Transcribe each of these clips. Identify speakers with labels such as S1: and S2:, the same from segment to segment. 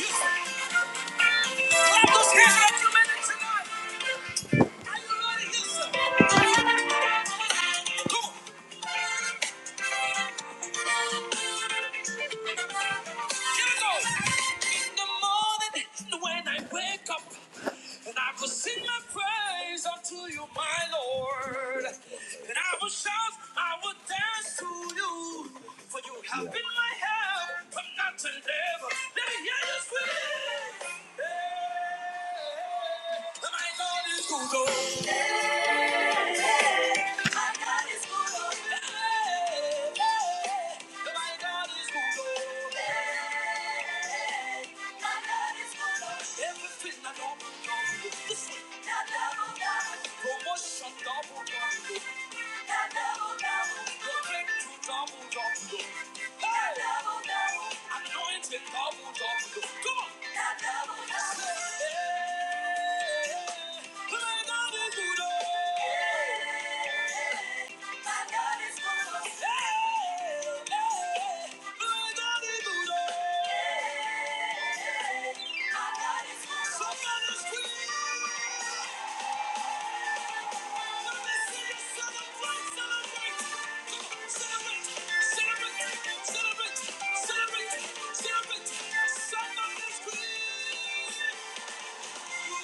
S1: Clap those hands like you meant it tonight. When I wake up and I will sing my praise unto you, my Lord. And I will shout, I will dance to you. For you have Yeah. been my help from not to never. Let me hear you sing. Yeah. My Lord is good. My God is good. Oh yeah, yeah. My God is good. Oh. Everything I know I'm going to sleep. Promotion double double. The breakthrough double double. Hey! Anointing double double. Come on! Hey! My God is good. Hey! Hey! My God is good. Celebrate! Celebrate! Celebrate! Somebody's queen! South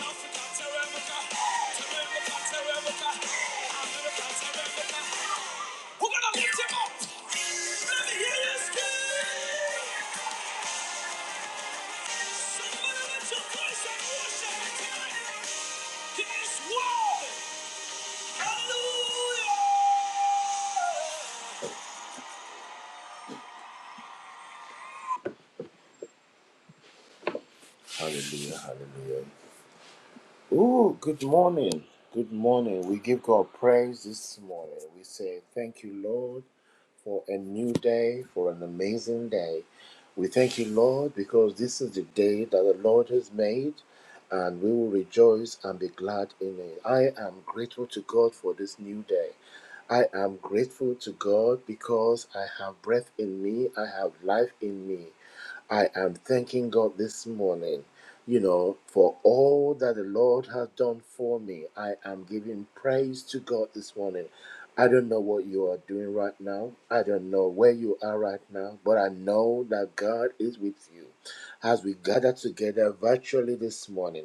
S1: Africa, Terramica, Terramica, Terramica, America, Terramica. We're gonna lift him up. Let me hear you scream. Somebody lift your voice and worship him tonight. He's worthy. Hallelujah. Hallelujah, hallelujah. Ooh, good morning. Good morning. We give God praise this morning. We say, Thank you, Lord, for a new day, for an amazing day. We thank you, Lord, because this is the day that the Lord has made, and we will rejoice and be glad in it. I am grateful to God for this new day. I am grateful to God because I have breath in me, I have life in me. I am thanking God this morning, you know, for all that the Lord has done for me. I am giving praise to God this morning. I don't know what you are doing right now. I don't know where you are right now, but I know that God is with you. As we gather together virtually this morning,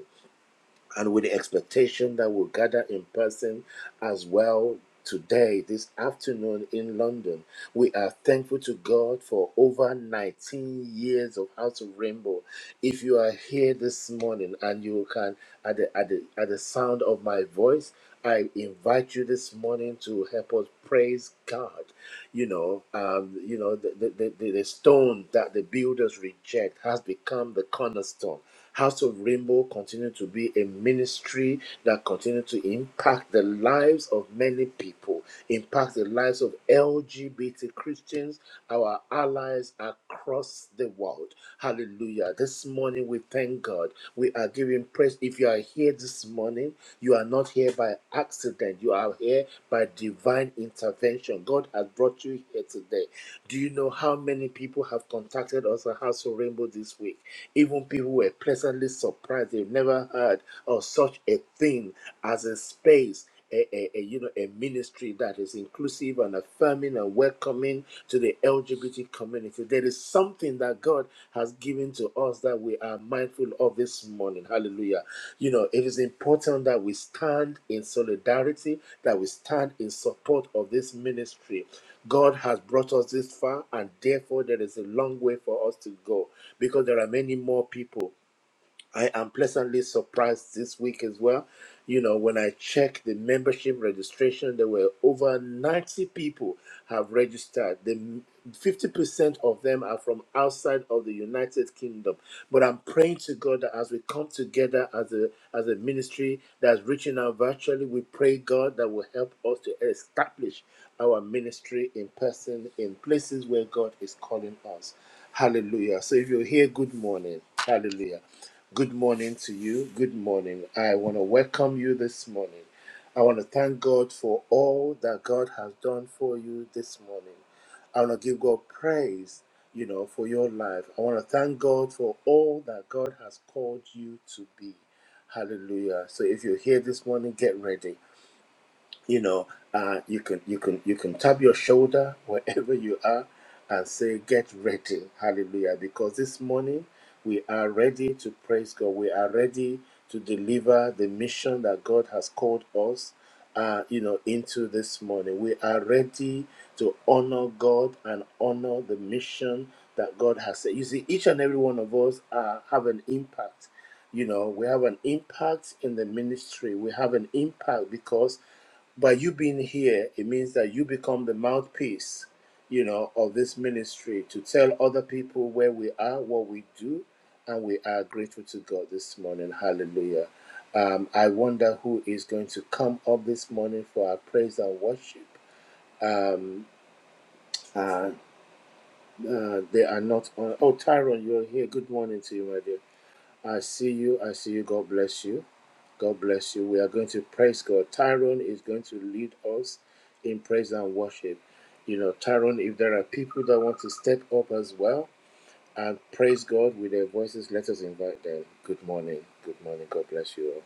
S1: and with the expectation that we'll gather in person as well today, this afternoon in London. We are thankful to God for over 19 years of House of Rainbow. If you are here this morning and you can, at the, at the, at the sound of my voice, I invite you this morning to help us praise God. You know, um, you know the, the, the, the stone that the builders reject has become the cornerstone House of Rainbow continue to be a ministry that continue to impact the lives of many people, impact the lives of LGBT Christians, our allies across the world. Hallelujah. This morning we thank God. We are giving praise. If you are here this morning, you are not here by accident. You are here by divine intervention. God has brought you here today. Do you know how many people have contacted us at House of Rainbow this week? Even people who were pleasantly surprised. They've never heard of such a thing as a space. A, a, a, you know a ministry that is inclusive and affirming and welcoming to the LGBT community. There is something that God has given to us that we are mindful of this morning. Hallelujah. You know, it is important that we stand in solidarity, that we stand in support of this ministry. God has brought us this far, and therefore there is a long way for us to go because there are many more people I am pleasantly surprised this week as well. You know, when I checked the membership registration, there were over 90 people have registered. The 50% of them are from outside of the United Kingdom. But I'm praying to God that as we come together as a as a ministry that's reaching out virtually, we pray God that will help us to establish our ministry in person in places where God is calling us. Hallelujah. So if you're here, good morning. Hallelujah. Good morning to you. Good morning. I want to welcome you this morning. I want to thank God for all that God has done for you this morning. I want to give God praise, you know, for your life. I want to thank God for all that God has called you to be. Hallelujah. So if you're here this morning, get ready you know uh, you can you can you can tap your shoulder wherever you are and say get ready hallelujah because this morning we are ready to praise god we are ready to deliver the mission that god has called us uh, you know into this morning we are ready to honor god and honor the mission that god has said you see each and every one of us uh, have an impact you know we have an impact in the ministry we have an impact because by you being here, it means that you become the mouthpiece, you know, of this ministry to tell other people where we are, what we do, and we are grateful to God this morning. Hallelujah. Um, I wonder who is going to come up this morning for our praise and worship. Um, uh, uh, they are not on. Oh, Tyrone, you're here. Good morning to you, my dear. I see you. I see you. God bless you. God bless you. We are going to praise God. Tyrone is going to lead us in praise and worship. You know, Tyrone, if there are people that want to step up as well and praise God with their voices, let us invite them. Good morning. Good morning. God bless you all.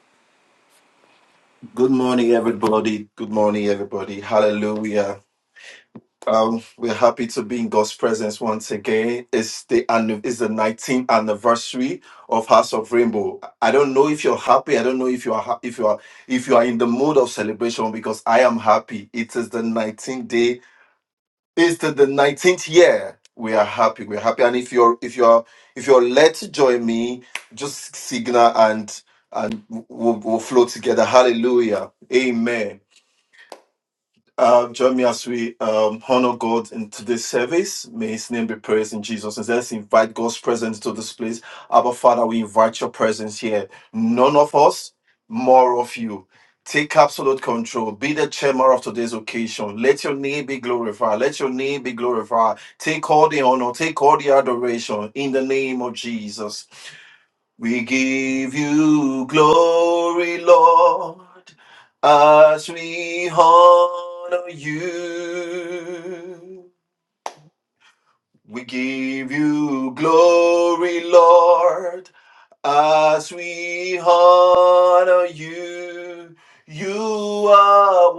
S2: Good morning, everybody. Good morning, everybody. Hallelujah. Um, we're happy to be in God's presence once again. It's the anni- it's the 19th anniversary of House of Rainbow. I don't know if you're happy. I don't know if you are ha- if you are if you are in the mood of celebration because I am happy. It is the 19th day. It's the, the 19th year. We are happy. We're happy. And if you're if you're if you're led to join me, just signal and and we'll, we'll flow together. Hallelujah. Amen. Uh, join me as we um, honor God in today's service. May His name be praised in Jesus. And let's invite God's presence to this place. Abba, Father, we invite your presence here. None of us, more of you. Take absolute control. Be the chairman of today's occasion. Let your name be glorified. Let your name be glorified. Take all the honor. Take all the adoration in the name of Jesus. We give you glory, Lord, as we honor you. We give you glory, Lord, as we honor you, you are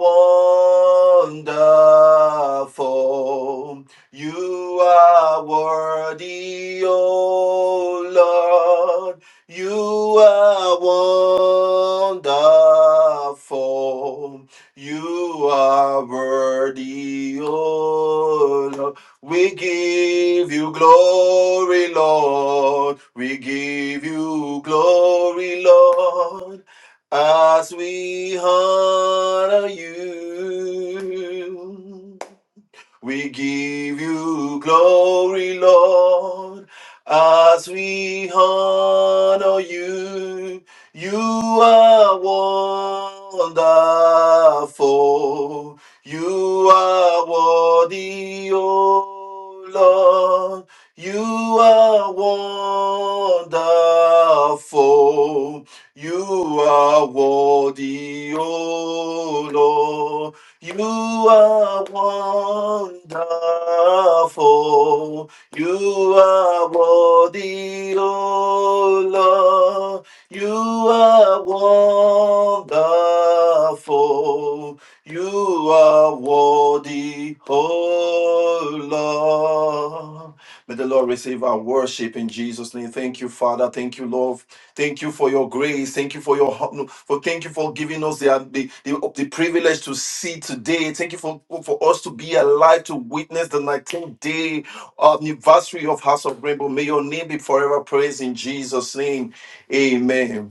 S2: wonderful. You are worthy, O Lord. You are wonderful. You are worthy, O Lord. We give you glory, Lord. We give you glory, Lord, as we honor you. We give you glory, Lord, as we honor you. You are wonderful. You are worthy, O Lord. You are wonderful. You are worthy, O Lord. You are wonderful. You are worthy, O Lord. You are wonderful. You are worthy, O Lord. May the Lord receive our worship in Jesus' name. Thank you, Father. Thank you, Lord, Thank you for your grace. Thank you for your hon- no, for thank you for giving us the uh, the, the, the privilege to see today. Thank you for for us to be alive to witness the 19th day anniversary of House of Rainbow. May your name be forever praised in Jesus' name. Amen.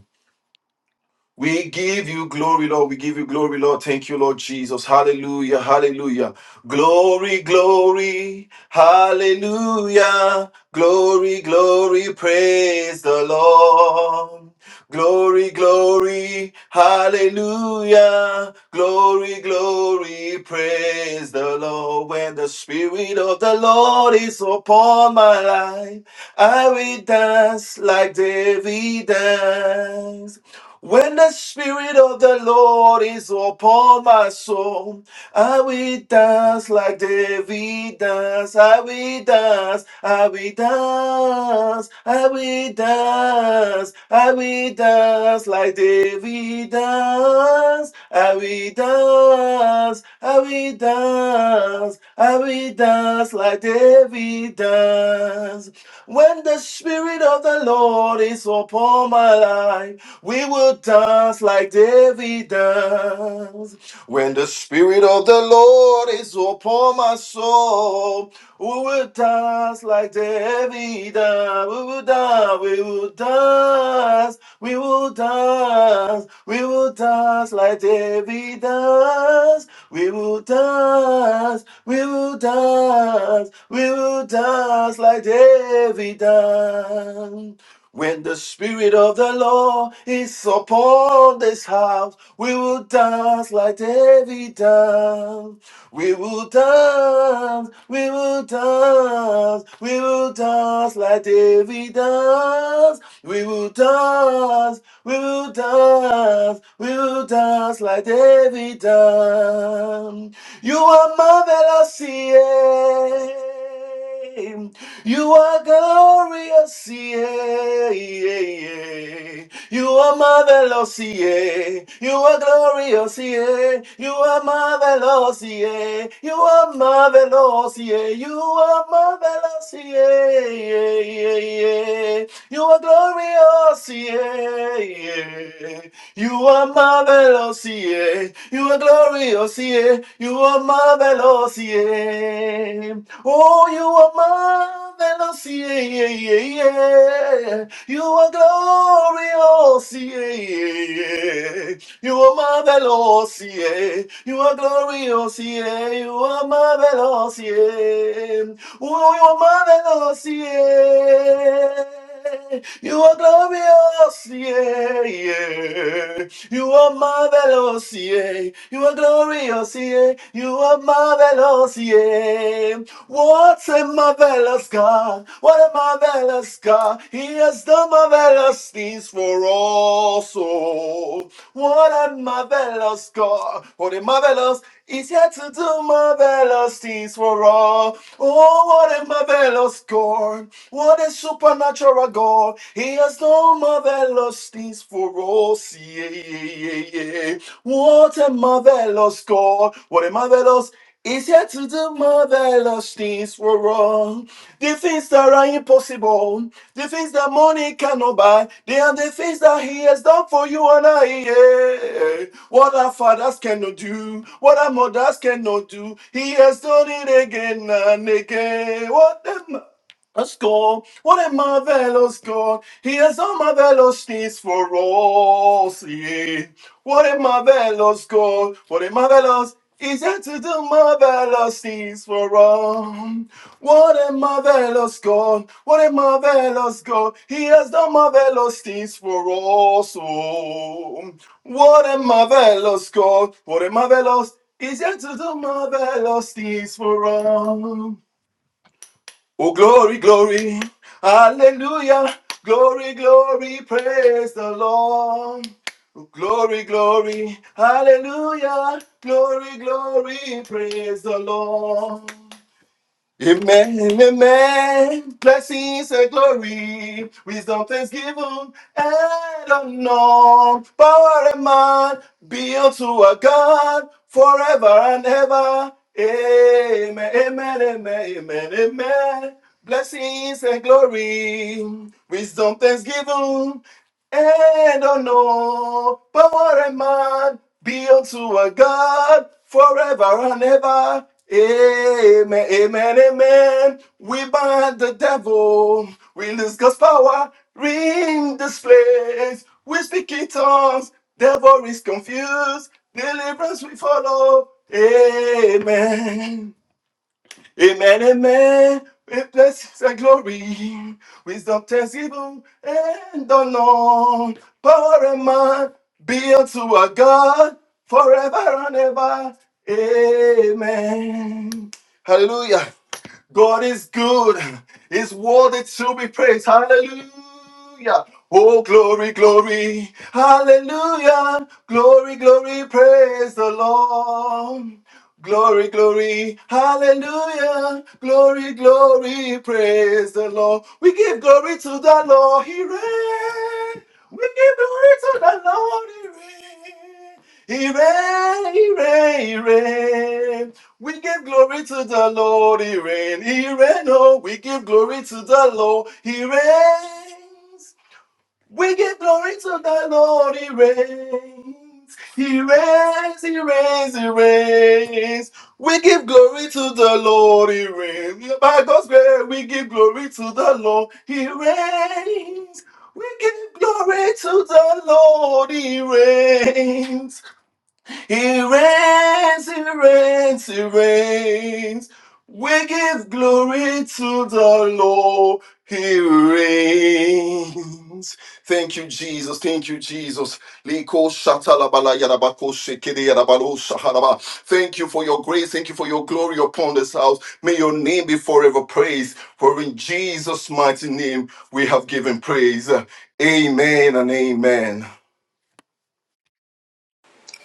S2: We give you glory, Lord. We give you glory, Lord. Thank you, Lord Jesus. Hallelujah. Hallelujah. Glory, glory. Hallelujah. Glory, glory. Praise the Lord. Glory, glory. Hallelujah. Glory, glory. Praise the Lord. When the Spirit of the Lord is upon my life, I will dance like David danced. When the Spirit of the Lord is upon my soul, I will dance like David dance. I will dance. I will dance. I will dance. I will dance like David dance. I will dance. I will dance. I will dance like David dance. When the Spirit of the Lord is upon my life. We will dance like David danced. When the Spirit of the Lord is upon my soul, we will dance like David danced. We will dance, we will dance, we will dance, we will dance like David danced. We will dance, we will dance, we will dance like David danced. When the Spirit of the Lord is upon this house, we will dance like David danced. We will dance, we will dance, we will dance like David danced. We will dance, we will dance, we will dance like David danced. You are marvelous, yeah. You are glorious, yeah, yeah, yeah. You are marvelous, yeah. You are glorious, yeah. You are marvelous, yeah. You are marvelous, yeah. You are marvelous, yeah, yeah, yeah, yeah. You are glorious, yeah, yeah. You are marvelous, yeah. You are glorious, yeah. You are marvelous, yeah. Oh, you are marvelous, yeah, yeah, yeah, yeah. You are glorious, yeah, yeah, yeah. You are marvelous, yeah. You are glorious, yeah. You are marvelous, yeah. Oh, you are marvelous, yeah. You are glorious, yeah, yeah. You are marvelous, yeah. You are glorious, yeah. You are marvelous, yeah. What a marvelous God. What a marvelous God. He has done marvelous things for us. Oh, what a marvelous God. What a marvelous it's yet to do marvelous things for all. Oh, what a marvelous God. What a supernatural God. He has done marvelous things for us. Yeah, yeah, yeah, yeah. yeah. What a marvelous God. What a marvelous. It's here to the marvelous things were wrong. The things that are impossible, the things that money cannot buy, they are the things that He has done for you and I. yeah. What our fathers cannot do, what our mothers cannot do, He has done it again and again. What the ma- a score. What a marvelous God. He has done marvelous things for us. Yeah. What a marvelous God, what a marvelous is yet to do marvelous things for all. What a marvelous God, what a marvelous God, He has done marvelous things for us. Oh, what a marvelous God, what a marvelous is yet to do marvelous things for all. Oh, glory, glory, hallelujah, glory, glory, praise the Lord. Oh, glory, glory, hallelujah, glory, glory, praise the Lord. Amen, amen. Blessings and glory, wisdom, thanksgiving, and honor. Power and man be unto our God forever and ever. Amen, amen, amen, amen, amen. Blessings and glory, wisdom, thanksgiving, and on all power and man be unto a God forever and ever. Amen, amen, amen. We bind the devil, we lose God's power, ring this place. We speak in tongues, devil is confused, deliverance we follow. Amen. Amen, amen. With blessings and glory. Wisdom, thanksgiving, and honor. Power and might be unto our God forever and ever. Amen. Hallelujah. God is good. His word is to be praised. Hallelujah. Oh, glory, glory. Hallelujah. Glory, glory. Praise the Lord. Glory, glory, hallelujah. Glory, glory, praise the Lord. We give glory to the Lord, He reigns. We give glory to the Lord, He reigns. He reigns, He reigns, He reigns. We give glory to the Lord, He reigns. He reigns, oh, we give glory to the Lord, He reigns. We give glory to the Lord, He reigns. He reigns, He reigns, He reigns. We give glory to the Lord, He reigns. By God's grace, we give glory to the Lord, He reigns. We give glory to the Lord, He reigns. He reigns, he reigns, he reigns. We give glory to the Lord. He reigns. Thank you, Jesus. Thank you, Jesus. Liko shatalabala yadabako shekede yadabalo shahalaba. Thank you for your grace. Thank you for your glory upon this house. May your name be forever praised. For in Jesus' mighty name we have given praise. Amen and amen.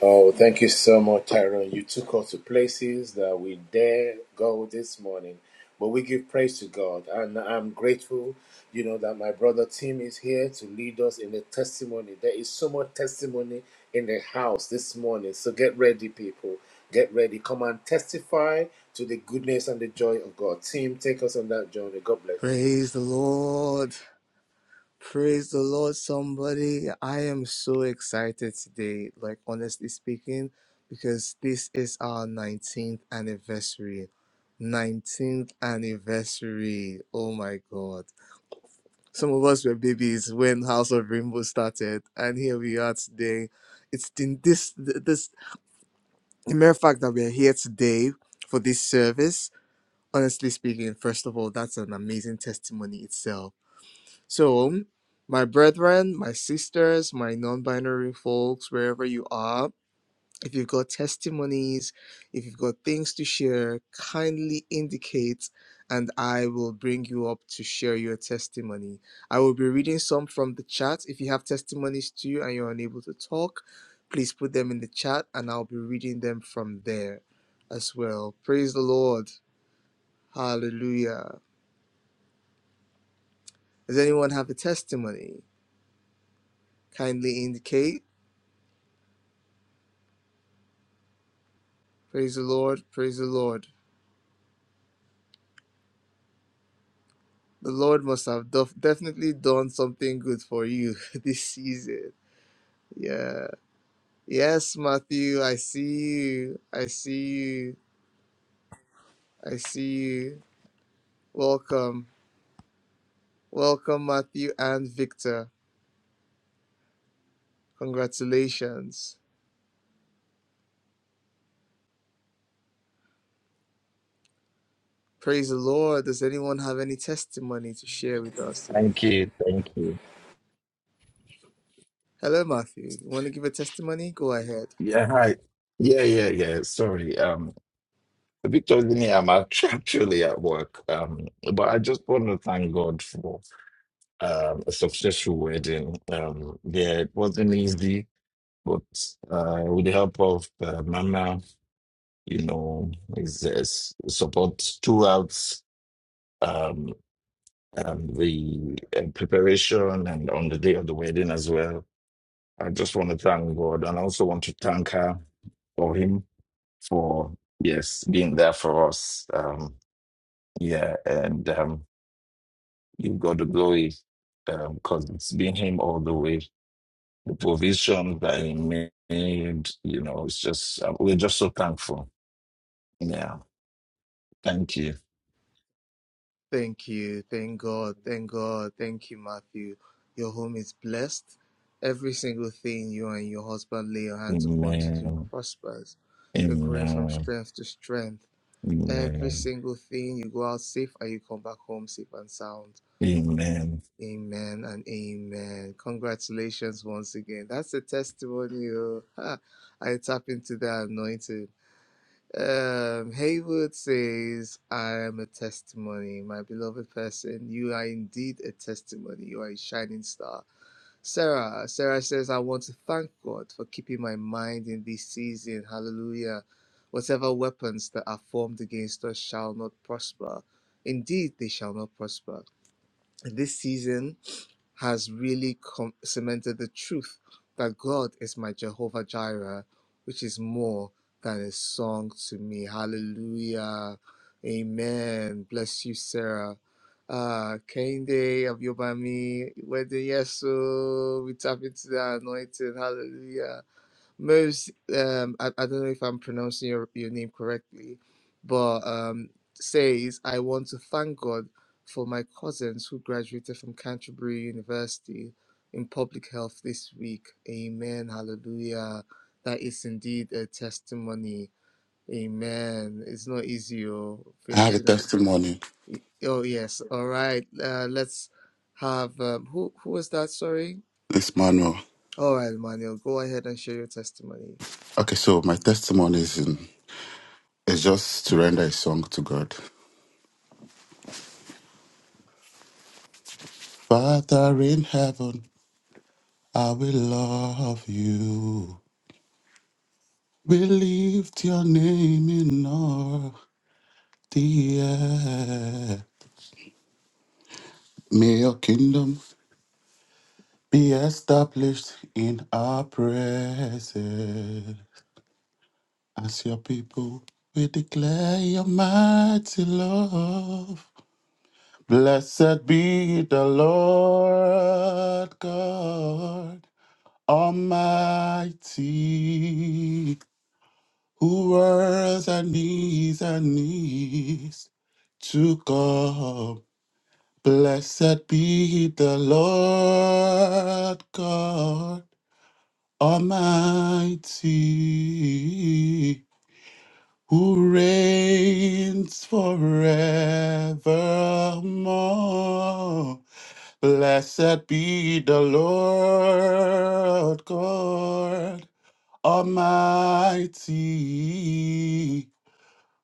S1: Oh, thank you so much, Tyrone. You took us to places that we dare go this morning. But we give praise to God. And I'm grateful, you know, that my brother Tim is here to lead us in the testimony. There is so much testimony in the house this morning. So get ready, people. Get ready. Come and testify to the goodness and the joy of God. Tim, take us on that journey. God bless you.
S3: Praise the Lord. Praise the Lord, somebody. I am so excited today, like honestly speaking, because this is our 19th anniversary. 19th anniversary. Oh my God. Some of us were babies when House of Rainbow started, and here we are today. It's in this, this, the mere fact that we're here today for this service, honestly speaking, first of all, that's an amazing testimony itself So, my brethren, my sisters, my non binary folks, wherever you are, if you've got testimonies, if you've got things to share, kindly indicate and I will bring you up to share your testimony. I will be reading some from the chat. If you have testimonies too and you're unable to talk, please put them in the chat and I'll be reading them from there as well. Praise the Lord. Hallelujah. Does anyone have a testimony? Kindly indicate. Praise the Lord. Praise the Lord. The Lord must have def- definitely done something good for you this season. Yeah. Yes, Matthew, I see you. I see you. I see you. Welcome. Welcome, Matthew and Victor. Congratulations. Praise the Lord. Does anyone have any testimony to share with us today?
S4: Thank you. Thank you.
S3: Hello, Matthew. You want to give a testimony? Go ahead.
S4: Yeah, hi. Yeah, yeah, yeah. Sorry. Um, Victor Linnea, I'm act- actually at work. Um, but I just want to thank God for um a successful wedding. Um, yeah, it wasn't easy, but uh, with the help of uh, Mama, you know, his uh, s- support throughout um, um the uh, preparation and on the day of the wedding as well. I just want to thank God, and I also want to thank her. for him for yes being there for us um yeah and um you've got the glory um because it's been him all the way the provision that he made you know it's just uh, we're just so thankful yeah thank you
S3: Thank you. Thank God. Thank God. Thank you, Matthew. Your home is blessed. Every single thing you and your husband lay your hands upon to do
S4: amen
S3: prospers. You're growing from
S4: amen
S3: strength to strength. Every
S4: amen
S3: single thing you go out safe and you come back home safe and sound.
S4: amen
S3: Amen and amen. Congratulations once again. That's a testimony. oh. Ha. I tap into that anointing. Um, Haywood says, I am a testimony. My beloved person, you are indeed a testimony. You are a shining star. Sarah, Sarah says, I want to thank God for keeping my mind in this season. Hallelujah. Whatever weapons that are formed against us shall not prosper. Indeed, they shall not prosper. In this season, has really com- cemented the truth that God is my Jehovah Jireh, which is more than a song to me. Hallelujah. Amen. Bless you, Sarah. Uh, Kende of Yobami, Wedding Yeso, we tap into the anointing. Hallelujah. Most, um, I, I don't know if I'm pronouncing your, your name correctly, but um, says, I want to thank God for my cousins who graduated from Canterbury University in public health this week. Amen. Hallelujah. That is indeed a testimony. Amen. It's not easy, oh,
S5: I had a
S3: finishing up.
S5: testimony
S3: Oh, yes. All right. Uh, let's have, um, who, who was that? Sorry.
S5: this manual.
S3: All right, Manuel, go ahead and share your testimony.
S5: Okay, so my testimony is in is just to render a song to God. Father in heaven, I will love you. We lift your name in all the air. May your kingdom be established in our presence. As your people, we declare your mighty love. Blessed be the Lord God Almighty, who worlds and knees and knees to God. Blessed be the Lord God Almighty, who reigns forevermore. Blessed be the Lord God Almighty,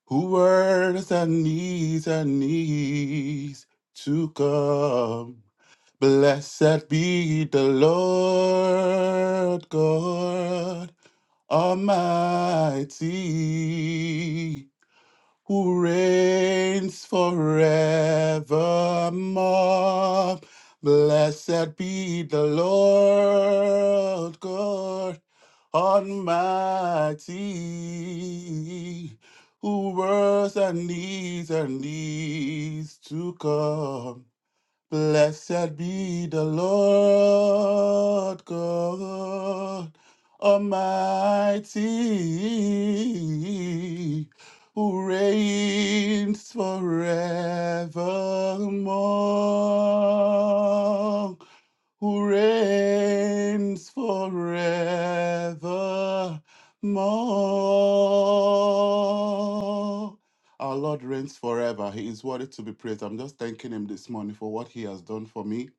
S5: who works and needs and needs to come. Blessed be the Lord God Almighty, who reigns forevermore. Blessed be the Lord God Almighty, who was and is and is to come. Blessed be the Lord God Almighty, who reigns forevermore who reigns forevermore. Our Lord reigns forever. He is worthy to be praised. I'm just thanking Him this morning for what He has done for me.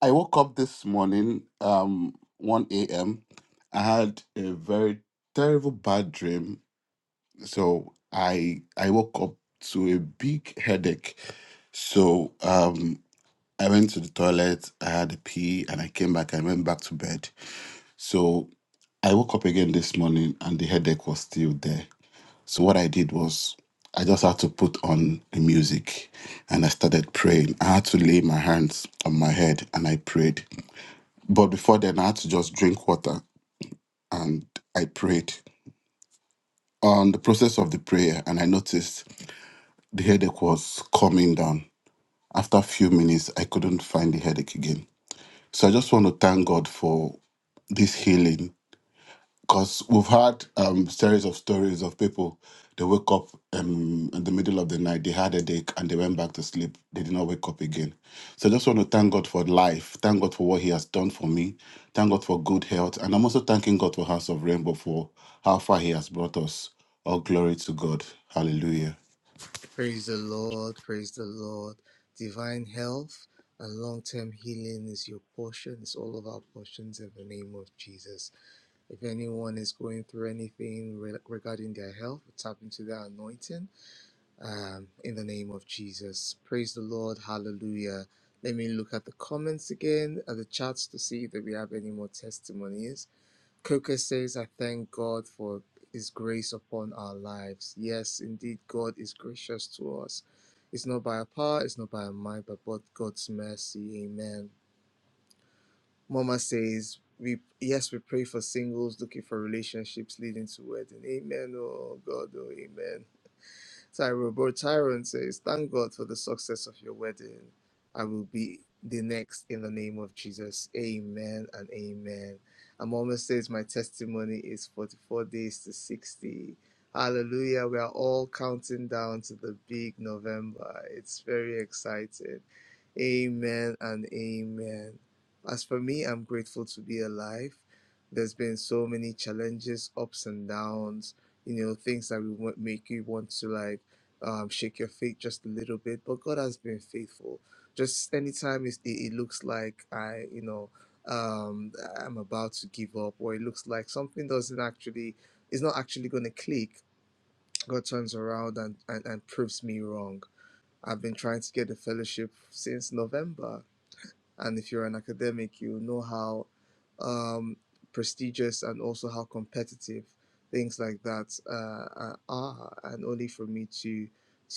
S5: I woke up this morning, um, 1 a.m. I had a very terrible bad dream, so I I woke up to a big headache. So um, I went to the toilet, I had a pee, and I came back. I went back to bed. So I woke up again this morning, and the headache was still there. So what I did was I just had to put on the music and I started praying. I had to lay my hands on my head and I prayed. But before then, I had to just drink water and I prayed. On the process of the prayer, and I noticed the headache was coming down. After a few minutes, I couldn't find the headache again. So I just want to thank God for this healing because we've had um, series of stories of people they wake up um, in the middle of the night they had a headache and they went back to sleep they did not wake up again so i just want to thank god for life thank god for what he has done for me thank god for good health and i'm also thanking god for house of rainbow for how far he has brought us all glory to god hallelujah
S3: Praise the Lord, praise the Lord. Divine health and long term healing is your portion, it's all of our portions in the name of Jesus. If anyone is going through anything re- regarding their health, tap into their anointing um, in the name of Jesus. Praise the Lord, hallelujah. Let me look at the comments again, at the chats to see if we have any more testimonies. Coker says, I thank God for His grace upon our lives. Yes, indeed, God is gracious to us. It's not by our power, it's not by our might, but by God's mercy. Amen. Mama says, we yes, we pray for singles looking for relationships leading to wedding. Amen. Oh God, oh amen. Tyrone, bro, Tyrone says, Thank God for the success of your wedding. I will be the next in the name of Jesus. Amen and amen. And Mama says, My testimony is 44 days to 60. Hallelujah. We are all counting down to the big November. It's very exciting. Amen and amen. As for me, I'm grateful to be alive. There's been so many challenges, ups and downs, you know, things that will wa- make you want to like um, shake your faith just a little bit. But God has been faithful. Just anytime it's, it, it looks like I, you know, um, I'm about to give up, or it looks like something doesn't actually, is not actually going to click, God turns around and, and, and proves me wrong. I've been trying to get the fellowship since November and if you're an academic, you know how um, prestigious and also how competitive things like that uh, are. And only for me to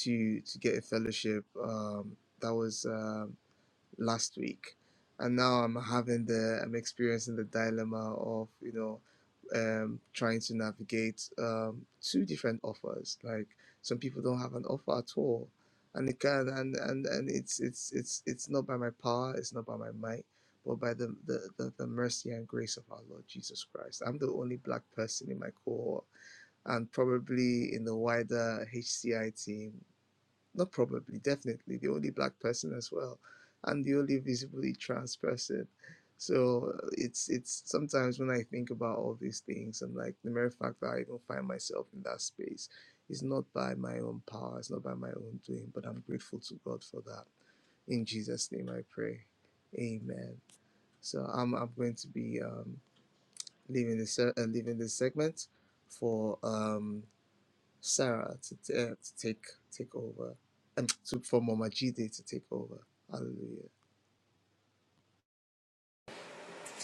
S3: to to get a fellowship, um, that was. Um, last week, and now I'm having the I'm experiencing the dilemma of you know um, trying to navigate um, two different offers. Like some people don't have an offer at all, and it can and and and it's it's it's it's not by my power, it's not by my might, but by the the the, the mercy and grace of our Lord Jesus Christ. I'm the only black person in my cohort, and probably in the wider HCI team not probably, definitely the only black person as well, and the only visibly trans person. So uh, it's it's sometimes when I think about all these things, I'm like the mere fact that I even find myself in that space is not by my own power, it's not by my own doing, but I'm grateful to God for that. In Jesus' name, I pray. Amen. So I'm I'm going to be um, leaving this uh, leaving this segment for um, Sarah to, t- uh, to take take over and to, for Mama Jide to take over. Hallelujah.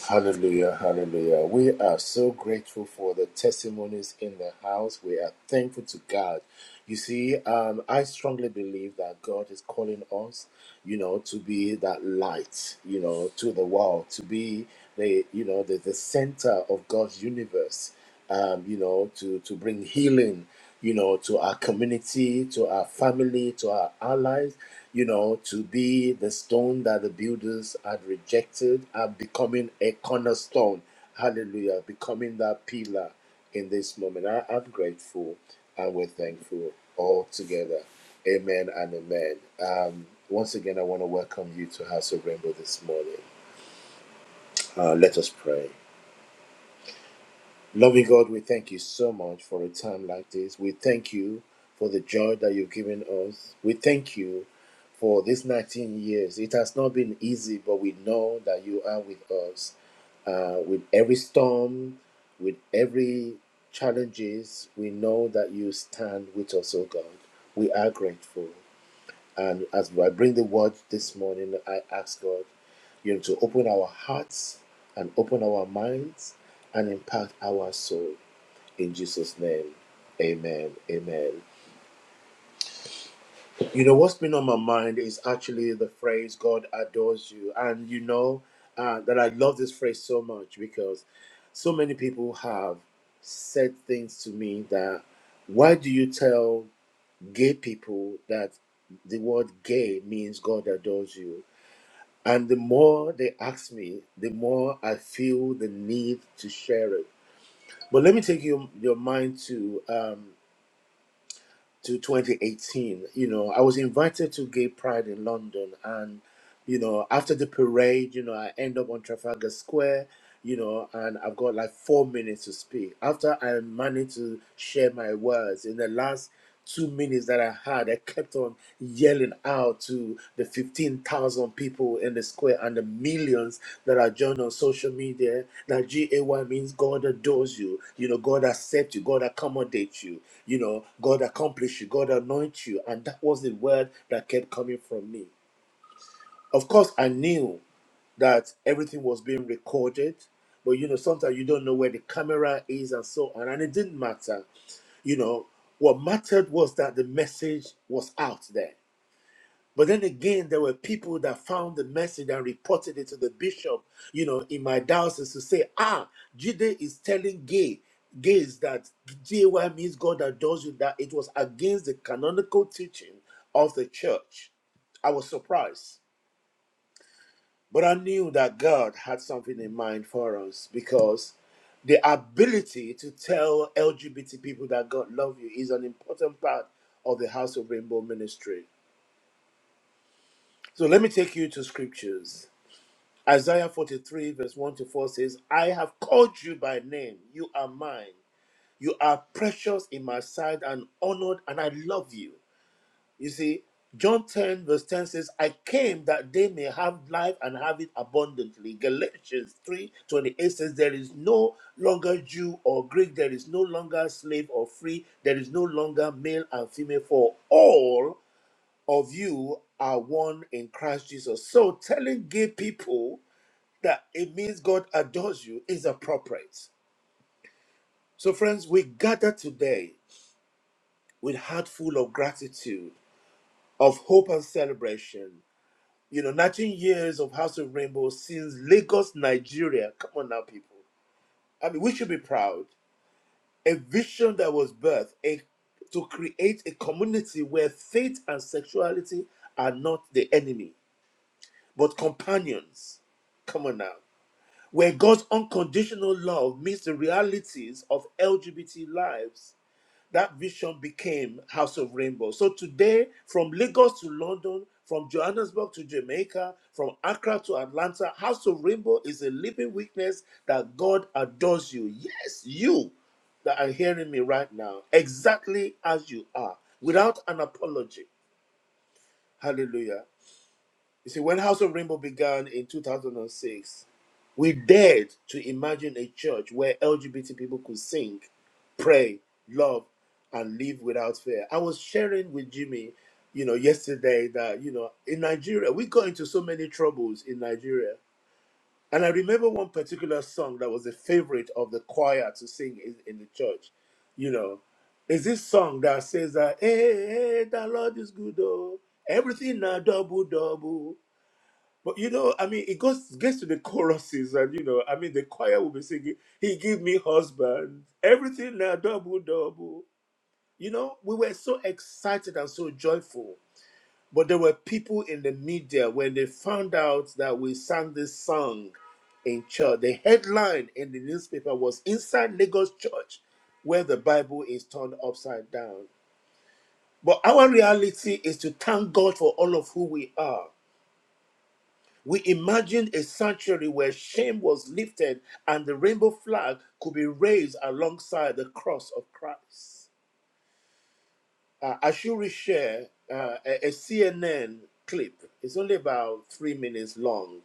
S1: Hallelujah, hallelujah. We are so grateful for the testimonies in the house. We are thankful to God. You see, um, I strongly believe that God is calling us, you know, to be that light, you know, to the world, to be the, you know, the, the center of God's universe, um, you know, to, to bring healing you know, to our community, to our family, to our allies, you know, to be the stone that the builders had rejected and becoming a cornerstone. Hallelujah. Becoming that pillar in this moment. I, am grateful and we're thankful all together. Amen and amen. Um, once again, I want to welcome you to House of Rainbow this morning. Uh, let us pray. Loving God, we thank you so much for a time like this. We thank you for the joy that you've given us. We thank you for these 19 years. It has not been easy, but we know that you are with us. Uh, with every storm, with every challenges, we know that you stand with us, oh God. We are grateful. And as I bring the word this morning, I ask God, you know, to open our hearts and open our minds and impact our soul in Jesus' name. Amen. Amen. You know, what's been on my mind is actually the phrase, God adores you. And you know uh, that I love this phrase so much because so many people have said things to me that, why do you tell gay people that the word gay means God adores you? And the more they ask me, the more I feel the need to share it. But let me take your, your mind to um, to 2018. You know, I was invited to Gay Pride in London, and. You know, after the parade, you know, I end up on Trafalgar Square, you know, and I've got like four minutes to speak. After I managed to share my words in the last two minutes that I had, I kept on yelling out to the 15,000 people in the square and the millions that are joined on social media that GAY means God adores you, you know, God accepts you, God accommodates you, you know, God accomplishes you, God anoints you. And that was the word that kept coming from me of course i knew that everything was being recorded but you know sometimes you don't know where the camera is and so on and it didn't matter you know what mattered was that the message was out there but then again there were people that found the message and reported it to the bishop you know in my diocese to say ah jide is telling gay gays that jay means god adores you that it was against the canonical teaching of the church i was surprised but I knew that God had something in mind for us because the ability to tell LGBT people that God loves you is an important part of the House of Rainbow ministry. So let me take you to scriptures. Isaiah 43, verse 1 to 4 says, I have called you by name. You are mine. You are precious in my sight and honored, and I love you. You see, John 10, verse 10 says, I came that they may have life and have it abundantly. Galatians 3 28 says, There is no longer Jew or Greek, there is no longer slave or free, there is no longer male and female, for all of you are one in Christ Jesus. So telling gay people that it means God adores you is appropriate. So, friends, we gather today with heart full of gratitude, of hope and celebration. You know, 19 years of House of Rainbow since Lagos, Nigeria. Come on now, people. I mean, we should be proud. A vision that was birthed a, to create a community where faith and sexuality are not the enemy, but companions. Come on now. Where God's unconditional love meets the realities of LGBT lives that vision became House of Rainbow. So today, from Lagos to London, from Johannesburg to Jamaica, from Accra to Atlanta, House of Rainbow is a living witness that God adores you. Yes, you that are hearing me right now, exactly as you are, without an apology. Hallelujah. You see, when House of Rainbow began in 2006, we dared to imagine a church where LGBT people could sing, pray, love, and live without fear. I was sharing with Jimmy, you know, yesterday that, you know, in Nigeria, we got into so many troubles in Nigeria. And I remember one particular song that was a favorite of the choir to sing in, in the church, you know, is this song that says that, hey, hey, the Lord is good, oh, everything now double, double. But you know, I mean, it goes gets to the choruses, and you know, I mean, the choir will be singing, "He give me husband, everything now double double." You know, we were so excited and so joyful. But there were people in the media when they found out that we sang this song in church. The headline in the newspaper was "Inside Lagos Church, where the Bible is turned upside down." But our reality is to thank God for all of who we are We imagine a sanctuary where shame was lifted and the rainbow flag could be raised alongside the cross of Christ. Uh, I should share uh, a, a CNN clip. It's only about three minutes long,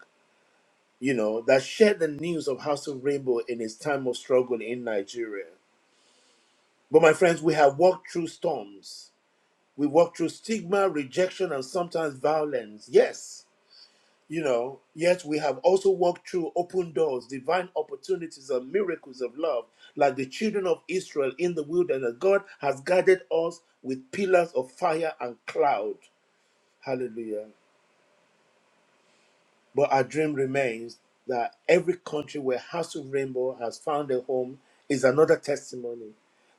S1: you know, that shared the news of House of Rainbow in its time of struggle in Nigeria. But my friends, we have walked through storms. We walked through stigma, rejection, and sometimes violence. Yes, You know, yet we have also walked through open doors, divine opportunities, and miracles of love. Like the children of Israel in the wilderness, God has guided us with pillars of fire and cloud. Hallelujah. But our dream remains that every country where House of Rainbow has found a home is another testimony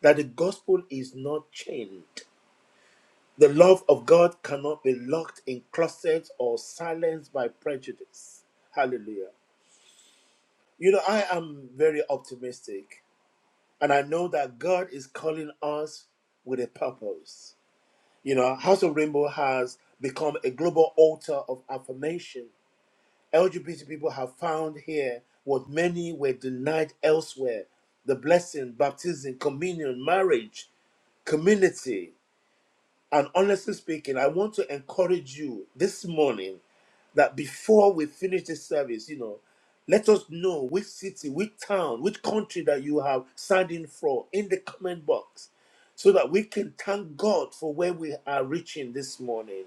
S1: that the gospel is not chained. The love of God cannot be locked in closets or silenced by prejudice. Hallelujah. You know, I am very optimistic, and I know that God is calling us with a purpose. You know, House of Rainbow has become a global altar of affirmation. LGBT people have found here what many were denied elsewhere the blessing, baptism, communion, marriage, community. And honestly speaking, I want to encourage you this morning that before we finish this service, you know, let us know which city, which town, which country that you have signed in for in the comment box so that we can thank God for where we are reaching this morning.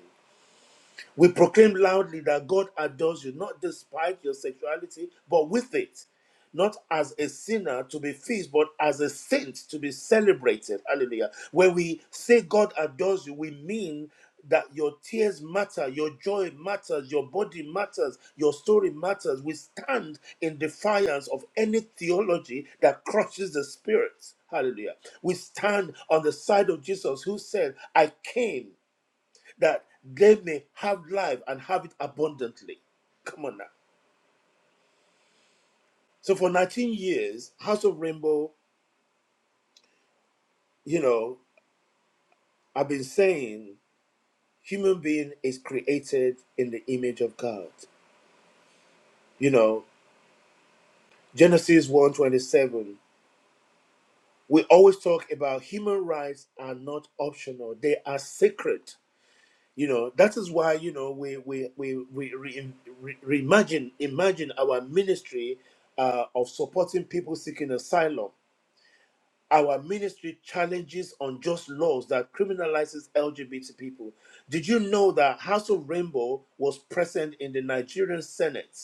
S1: We proclaim loudly that God adores you, not despite your sexuality, but with it. Not as a sinner to be feasted, but as a saint to be celebrated. Hallelujah. When we say God adores you, we mean that your tears matter, your joy matters, your body matters, your story matters. We stand in defiance of any theology that crushes the spirit. Hallelujah. We stand on the side of Jesus who said, I came that they may have life and have it abundantly. Come on now. So for 19 years, House of Rainbow, you know, I've been saying human being is created in the image of God. You know, Genesis 1:27. We always talk about human rights are not optional; they are sacred. You know, that is why you know we we we we re, re, reimagine imagine our ministry uh, of supporting people seeking asylum Our ministry challenges unjust laws that criminalizes LGBT people. Did you know that House of Rainbow was present in the Nigerian Senate,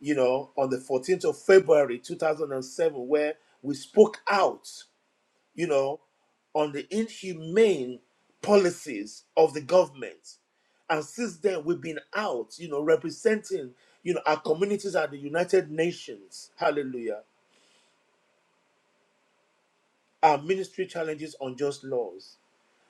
S1: you know, on the 14th of February 2007, where we spoke out, you know, on the inhumane policies of the government. And since then, we've been out, you know, representing, you know, our communities at the United Nations. Hallelujah. Our ministry challenges unjust laws.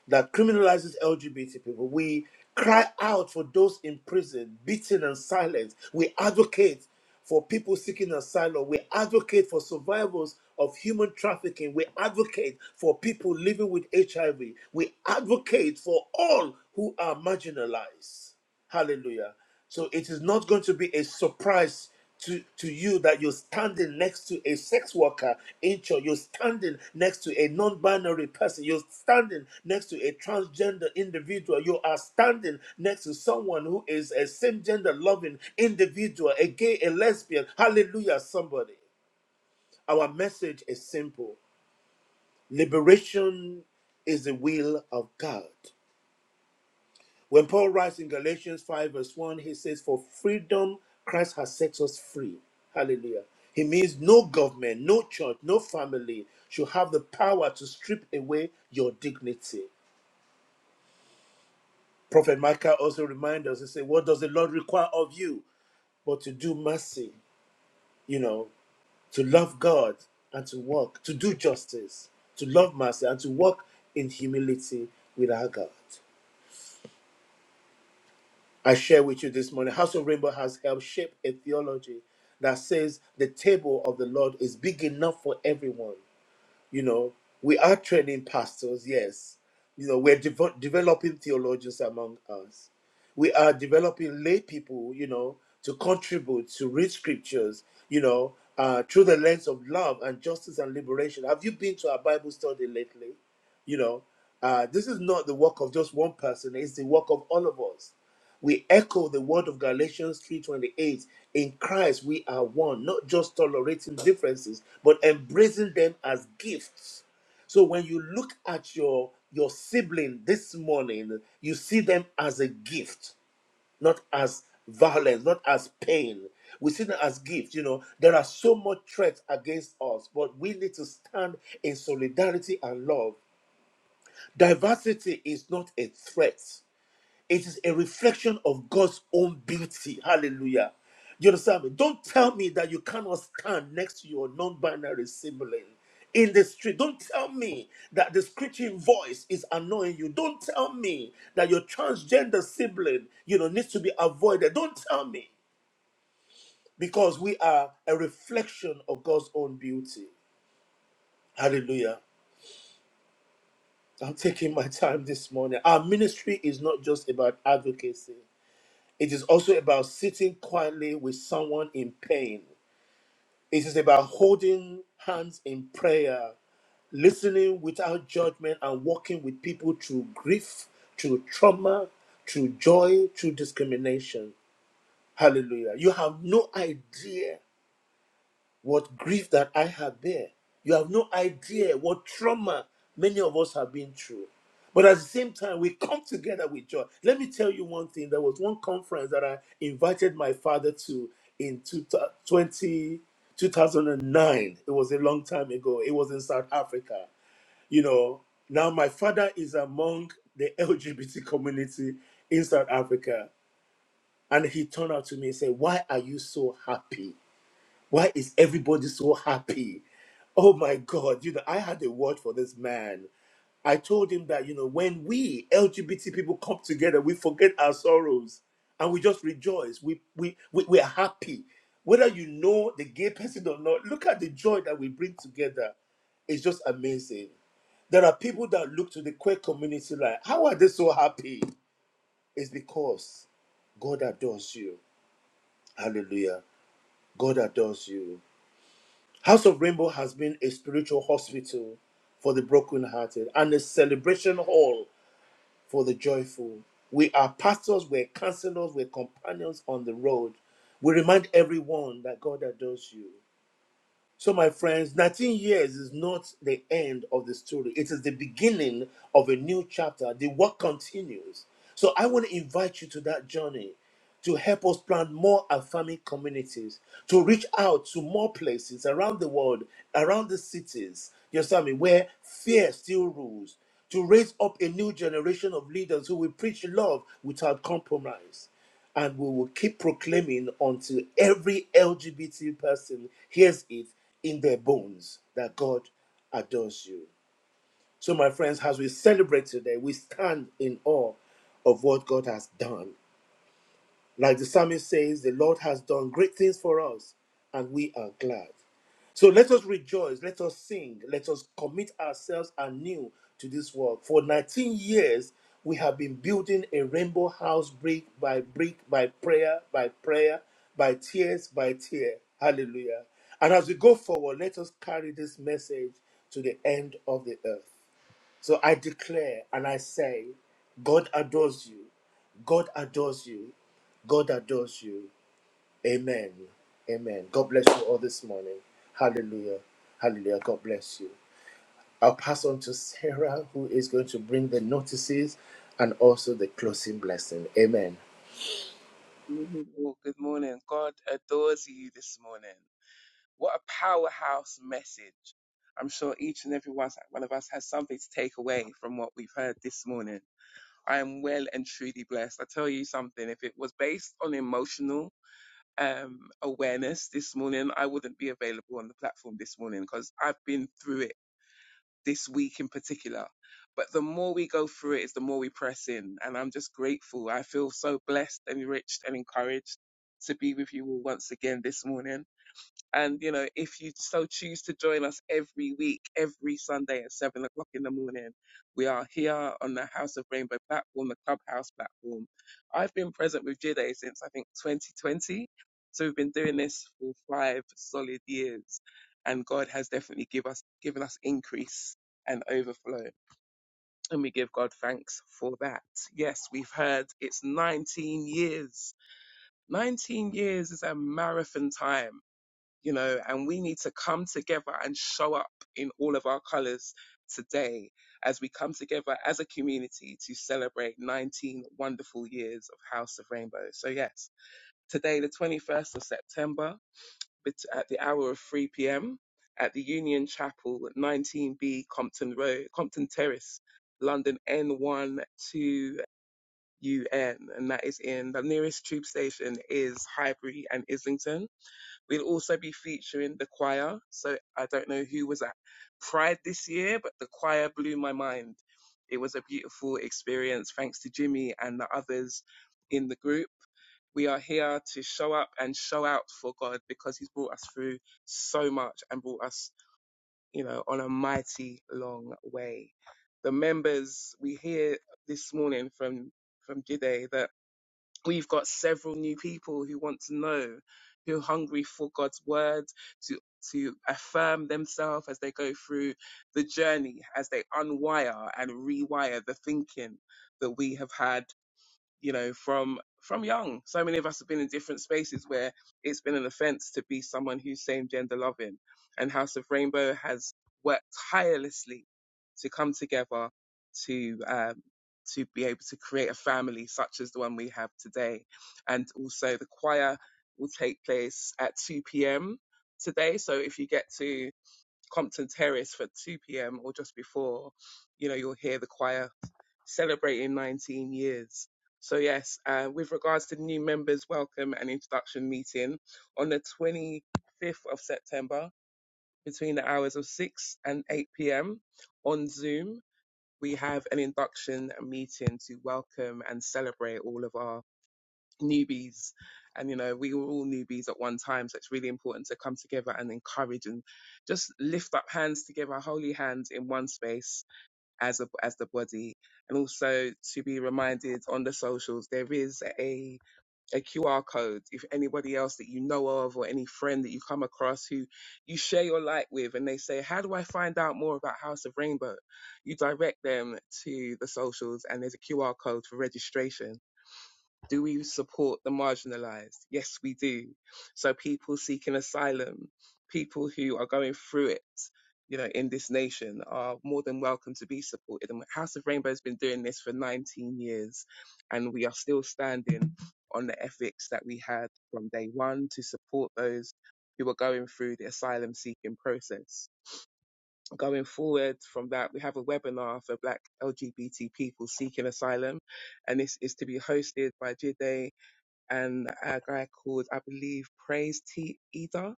S1: that criminalizes LGBT people. We cry out for those in prison, beaten and silenced. We advocate for people seeking asylum. We advocate for survivors of human trafficking. We advocate for people living with HIV. We advocate for all who are marginalized. Hallelujah. So it is not going to be a surprise to, to you that you're standing next to a sex worker in church, you're standing next to a non binary person, you're standing next to a transgender individual, you are standing next to someone who is a same gender loving individual, a gay, a lesbian. Hallelujah, somebody. Our message is simple liberation is the will of God. When Paul writes in Galatians 5, verse 1, he says, For freedom Christ has set us free. Hallelujah. He means no government, no church, no family should have the power to strip away your dignity. Prophet Micah also reminds us, he said, What does the Lord require of you? But to do mercy, you know, to love God and to walk, to do justice, to love mercy and to walk in humility with our God. I share with you this morning. House of Rainbow has helped shape a theology that says the table of the Lord is big enough for everyone. You know, we are training pastors, yes. You know, we're devo- developing theologians among us. We are developing lay people, you know, to contribute, to read scriptures, you know, uh, through the lens of love and justice and liberation. Have you been to our Bible study lately? You know, uh, this is not the work of just one person; it's the work of all of us. We echo the word of Galatians three twenty eight. In Christ, we are one, not just tolerating differences, but embracing them as gifts. So when you look at your your sibling this morning, you see them as a gift, not as violence, not as pain. We see them as gifts. You know, there are so much threats against us, but we need to stand in solidarity and love. Diversity is not a threat, it is a reflection of God's own beauty. Hallelujah. You understand me? Don't tell me that you cannot stand next to your non binary sibling in the street. Don't tell me that the screeching voice is annoying you. Don't tell me that your transgender sibling, you know, needs to be avoided. Don't tell me because we are a reflection of God's own beauty. Hallelujah. I'm taking my time this morning. Our ministry is not just about advocacy. It is also about sitting quietly with someone in pain. It is about holding hands in prayer, listening without judgment, and walking with people through grief, through trauma, through joy, through discrimination. Hallelujah. You have no idea what grief that I have there! You have no idea what trauma many of us have been through. But at the same time, we come together with joy. Let me tell you one thing. There was one conference that I invited my father to in 20, 2009. It was a long time ago. It was in South Africa. You know, now my father is among the LGBT community in South Africa. And he turned out to me and said, Why are you so happy? Why is everybody so happy? Oh my God, you know, I had a word for this man. I told him that, you know, when we LGBT people come together, we forget our sorrows and we just rejoice. We we we, we are happy. Whether you know the gay person or not, look at the joy that we bring together. It's just amazing. There are people that look to the queer community like, how are they so happy? It's because God adores you. Hallelujah. God adores you. House of Rainbow has been a spiritual hospital for the brokenhearted and a celebration hall for the joyful. We are pastors, we're counselors, we're companions on the road. We remind everyone that God adores you. So, my friends, 19 years is not the end of the story. It is the beginning of a new chapter. The work continues. So, I want to invite you to that journey to help us plant more affirming communities, to reach out to more places around the world, around the cities, you understand me, where fear still rules, to raise up a new generation of leaders who will preach love without compromise and we will keep proclaiming until every LGBT person hears it in their bones that God adores you. So, my friends, as we celebrate today, we stand in awe of what God has done like the psalmist says, the Lord has done great things for us, and we are glad. So let us rejoice, let us sing, let us commit ourselves anew to this work. For 19 years, we have been building a rainbow house brick by brick, by prayer, by prayer, by tears, by tear. Hallelujah. And as we go forward, let us carry this message to the end of the earth. So I declare and I say, God adores you. God adores you. God adores you. Amen. Amen. God bless you all this morning. Hallelujah. Hallelujah. God bless you. I'll pass on to Sarah, who is going to bring the notices and also the closing blessing. Amen.
S6: Good oh, good morning. God adores you this morning. What a powerhouse message. I'm sure each and every one one of us has something to take away from what we've heard this morning. I am well and truly blessed. I tell you something, if it was based on emotional um, awareness this morning, I wouldn't be available on the platform this morning because I've been through it this week in particular. But the more we go through it is the more we press in. And I'm just grateful. I feel so blessed, enriched, and encouraged to be with you all once again this morning. And, you know, if you so choose to join us every week, every Sunday at seven o'clock in the morning, we are here on the House of Rainbow platform, the Clubhouse platform. I've been present with Jide since I think 2020. So we've been doing this for five solid years. And God has definitely give us, given us increase and overflow. And we give God thanks for that. Yes, we've heard it's 19 years. 19 years is a marathon time you know, and we need to come together and show up in all of our colors today as we come together as a community to celebrate 19 wonderful years of House of Rainbow. So, yes, today, the 21st of September, at the hour of 3 p.m. at the Union Chapel, 19B Compton Road, Compton Terrace, London N1 to UN, and that is in the nearest tube station is Highbury and Islington We'll also be featuring the choir. So I don't know who was at Pride this year, but the choir blew my mind. It was a beautiful experience thanks to Jimmy and the others in the group. We are here to show up and show out for God because He's brought us through so much and brought us, you know, on a mighty long way. The members we hear this morning from from Jide that We've got several new people who want to know, who are hungry for God's word, to to affirm themselves as they go through the journey, as they unwire and rewire the thinking that we have had you know, from from young. So many of us have been in different spaces where it's been an offense to be someone who's same gender loving. And House of Rainbow has worked tirelessly to come together to um, to be able to create a family such as the one we have today. And also the choir will take place at 2 p.m. today. So if you get to Compton Terrace for 2 p.m. or just before, you know, you'll hear the choir celebrating 19 years. So, yes, uh, with regards to new members' welcome and introduction meeting on the 25th of September between the hours of 6 and 8 p.m. on Zoom, we have an induction meeting to welcome and celebrate all of our newbies and you know we were all newbies at one time so it's really important to come together and encourage and just lift up hands together holy hands in one space as a as the body and also to be reminded on the socials there is a a QR code if anybody else that you know of or any friend that you come across who you share your light with and they say how do I find out more about House of Rainbow you direct them to the socials and there's a QR code for registration do we support the marginalized? Yes, we do. So people seeking asylum, people who are going through it, you know, in this nation are more than welcome to be supported. And House of Rainbow has been doing this for 19 years and we are still standing on the ethics that we had from day one to support those who are going through the asylum seeking process. Going forward from that, we have a webinar for Black LGBT people seeking asylum, and this is to be hosted by Jide and a guy called, I believe, Praise T Eder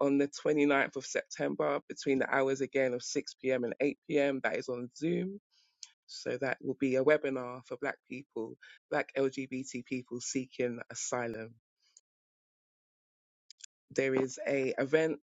S6: on the 29th of September between the hours again of 6 p.m. and 8 p.m. That is on Zoom. So that will be a webinar for Black people, Black LGBT people seeking asylum. There is a event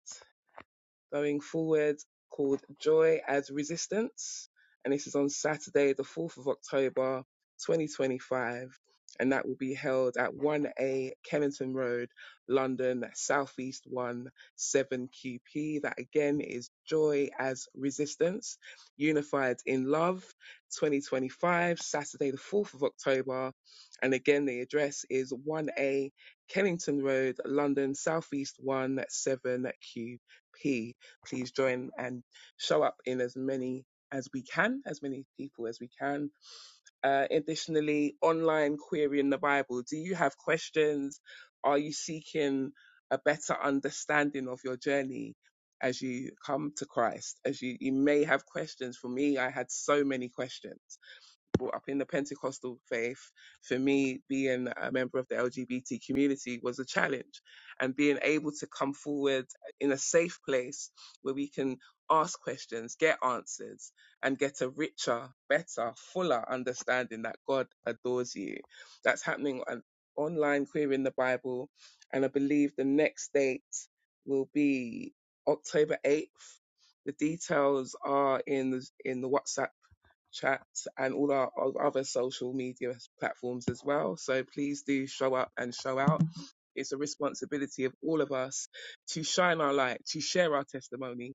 S6: going forward called Joy as Resistance. And this is on Saturday, the 4th of October, 2025. And that will be held at 1A Kennington Road, London, Southeast 1, 7QP. That again is Joy as Resistance, Unified in Love, 2025, Saturday, the 4th of October. And again, the address is 1A Kennington Road, London, Southeast 1, 7QP please join and show up in as many as we can, as many people as we can. Uh, additionally, online querying the Bible. Do you have questions? Are you seeking a better understanding of your journey as you come to Christ? As you, you may have questions. For me, I had so many questions brought up in the Pentecostal faith, for me, being a member of the LGBT community was a challenge. And being able to come forward in a safe place where we can ask questions, get answers, and get a richer, better, fuller understanding that God adores you. That's happening on online queer in the Bible. And I believe the next date will be October 8th. The details are in the, in the WhatsApp chats, and all our o- other social media platforms as well. So please do show up and show out. It's a responsibility of all of us to shine our light, to share our testimony,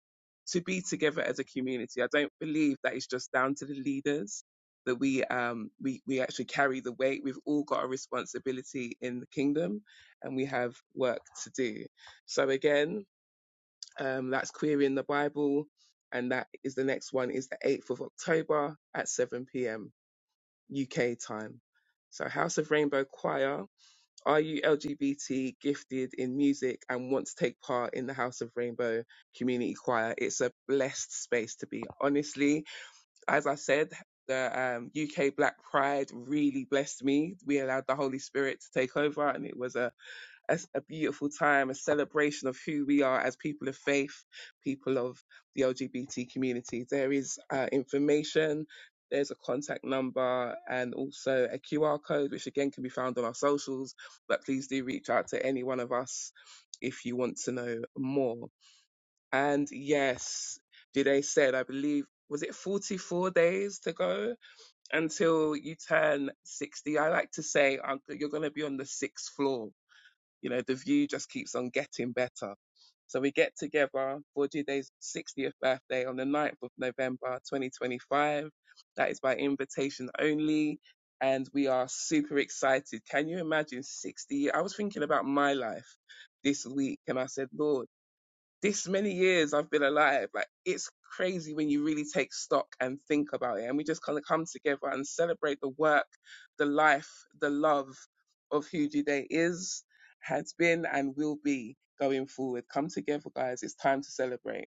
S6: to be together as a community. I don't believe that it's just down to the leaders that we um we, we actually carry the weight. We've all got a responsibility in the kingdom and we have work to do. So again, um, that's Querying the Bible. And that is the next one is the 8th of October at 7 p.m. UK time. So House of Rainbow Choir, are you LGBT gifted in music and want to take part in the House of Rainbow Community Choir? It's a blessed space to be. Honestly, as I said, the um, UK Black Pride really blessed me. We allowed the Holy Spirit to take over and it was a a, a beautiful time, a celebration of who we are as people of faith, people of the LGBT community. There is uh, information, there's a contact number, and also a QR code, which again can be found on our socials. But please do reach out to any one of us if you want to know more. And yes, Jide said, I believe. Was it 44 days to go until you turn 60? I like to say, Uncle, you're going to be on the sixth floor you know, the view just keeps on getting better. So we get together for Jide's 60th birthday on the 9th of November 2025. That is by invitation only. And we are super excited. Can you imagine 60? I was thinking about my life this week and I said, Lord, this many years I've been alive, like it's crazy when you really take stock and think about it. And we just kind of come together and celebrate the work, the life, the love of who Jude is, has been, and will be going forward. Come together, guys. It's time to celebrate.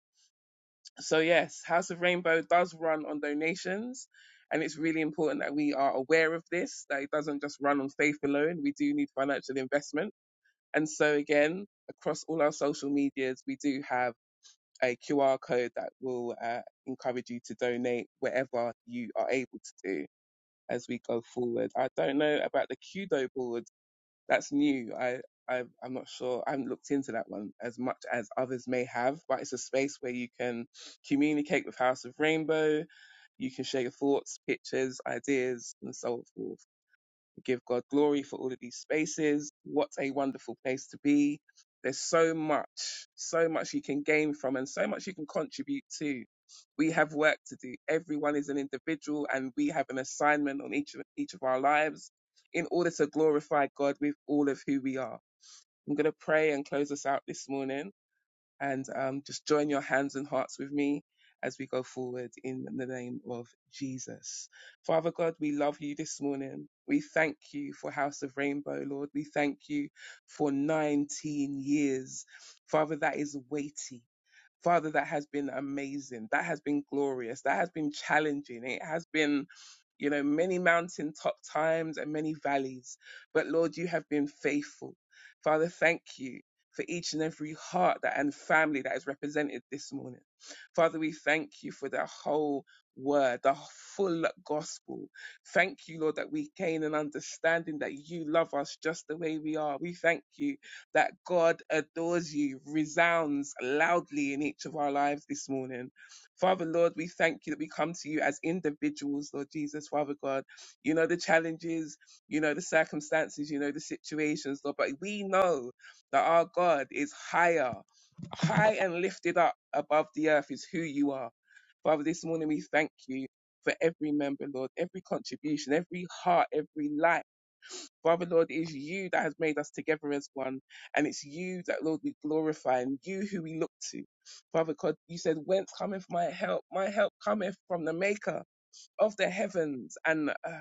S6: So, yes, House of Rainbow does run on donations. And it's really important that we are aware of this, that it doesn't just run on faith alone. We do need financial investment. And so, again, across all our social medias, we do have a QR code that will uh, encourage you to donate whatever you are able to do as we go forward. I don't know about the Kudo board. That's new. I, I I'm not sure. I haven't looked into that one as much as others may have, but it's a space where you can communicate with House of Rainbow. You can share your thoughts, pictures, ideas, and so forth give God glory for all of these spaces. What a wonderful place to be. There's so much, so much you can gain from and so much you can contribute to. We have work to do. Everyone is an individual and we have an assignment on each of, each of our lives in order to glorify God with all of who we are. I'm going to pray and close us out this morning and um, just join your hands and hearts with me as we go forward in the name of Jesus. Father God, we love you this morning. We thank you for House of Rainbow, Lord. We thank you for 19 years. Father, that is weighty. Father, that has been amazing. That has been glorious. That has been challenging. It has been, you know, many mountaintop times and many valleys. But Lord, you have been faithful. Father, thank you for each and every heart that and family that is represented this morning. Father, we thank you for the whole word, the full gospel. Thank you, Lord, that we gain an understanding that you love us just the way we are. We thank you that God adores you resounds loudly in each of our lives this morning. Father, Lord, we thank you that we come to you as individuals, Lord Jesus, Father God. You know the challenges, you know the circumstances, you know the situations, Lord, but we know that our God is higher, high and lifted up above the earth is who you are. Father, this morning we thank you for every member, Lord, every contribution, every heart, every life. Father, Lord, it is you that has made us together as one. And it's you that, Lord, we glorify and you who we look to. Father God, you said, Whence cometh my help? My help cometh from the maker of the heavens and the earth.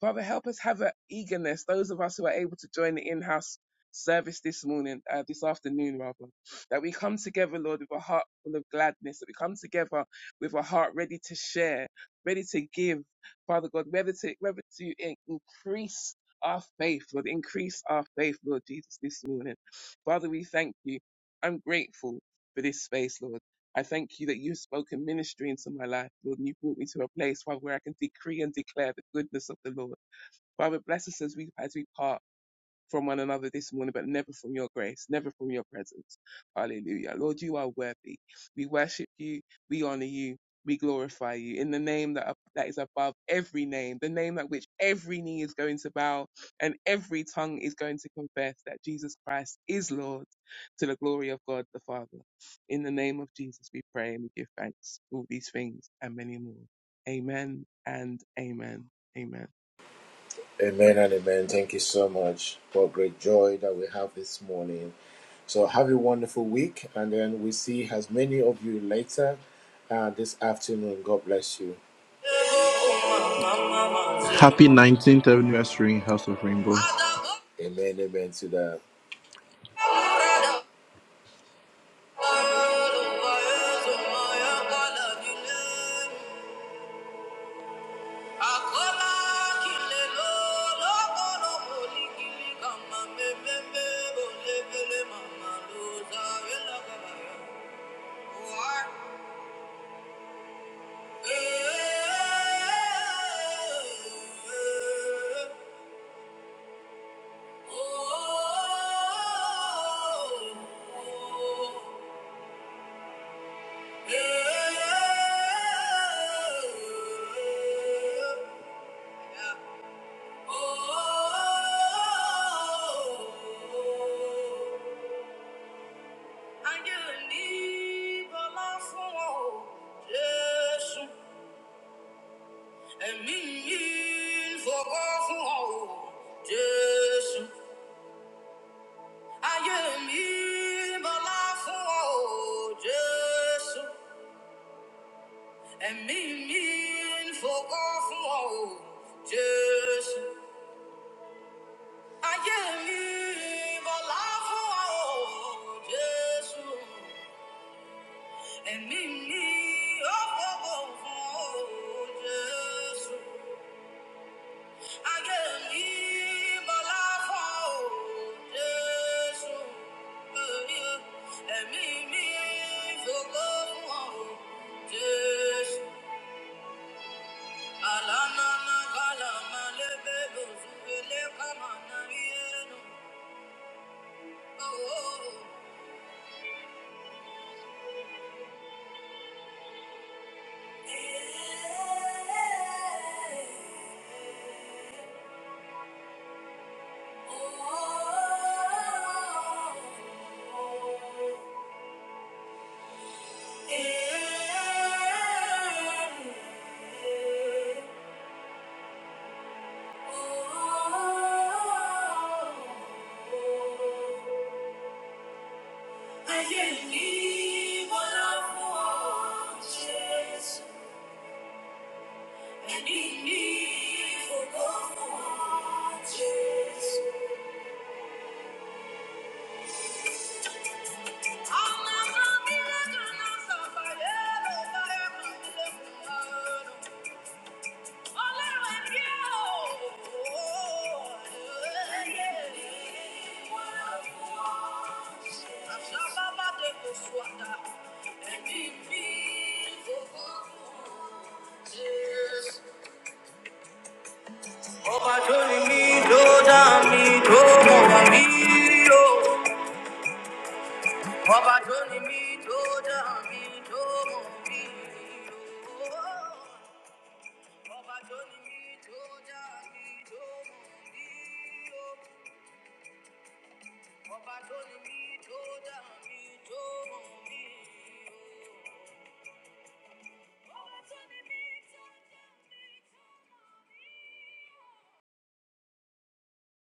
S6: Father, help us have an eagerness, those of us who are able to join the in-house service this morning, uh, this afternoon rather, that we come together, Lord, with a heart full of gladness, that we come together with a heart ready to share, ready to give, Father God, whether to, whether to in- increase our faith, Lord, increase our faith, Lord Jesus, this morning. Father, we thank you. I'm grateful for this space, Lord. I thank you that you've spoken ministry into my life, Lord, and you brought me to a place, Father, where I can decree and declare the goodness of the Lord. Father, bless us as we as we part from one another this morning, but never from your grace, never from your presence. Hallelujah. Lord, you are worthy. We worship you, we honor you, we glorify you in the name that, that is above every name, the name at which every knee is going to bow and every tongue is going to confess that Jesus Christ is Lord to the glory of God the Father. In the name of Jesus, we pray and we give thanks for all these things and many more. Amen and amen. Amen.
S1: Amen and amen. Thank you so much. What great joy that we have this morning. So have a wonderful week, and then we see as many of you later uh, this afternoon. God bless you.
S7: Happy 19th anniversary, House of Rainbow.
S1: Amen. Amen to that. Angel, leave a laugh for all. Jesus. Ẹ̀mí fọwọ́ fún ọ o, Jésù. Ayé mi bọ́lá fún ọ o, Jésù. Ẹ̀mí mi fọwọ́ fún ọ o, Jésù. Ayé mi bọ́lá fún ọ o, Jésù. Ẹ̀mí mi ó fọwọ́ fún ọ o, o jesu aye mi o jesu emi mi o fowo o jesu I can't live my life for this one. Let me live for God one. This Alana na kala na lebe oh oh oh yenu. Oh. Oh. I can't be Jesus. Ọba tó ni mí tó dá mi tó mọ̀ wá mí o. Ọba tó ni mí tó dá mi tó mọ̀ mí o. Ọba tó ni mí tó dá mi tó mọ̀ mí o. Ọba tó ni mí tó dá mi tó mọ̀ mí o.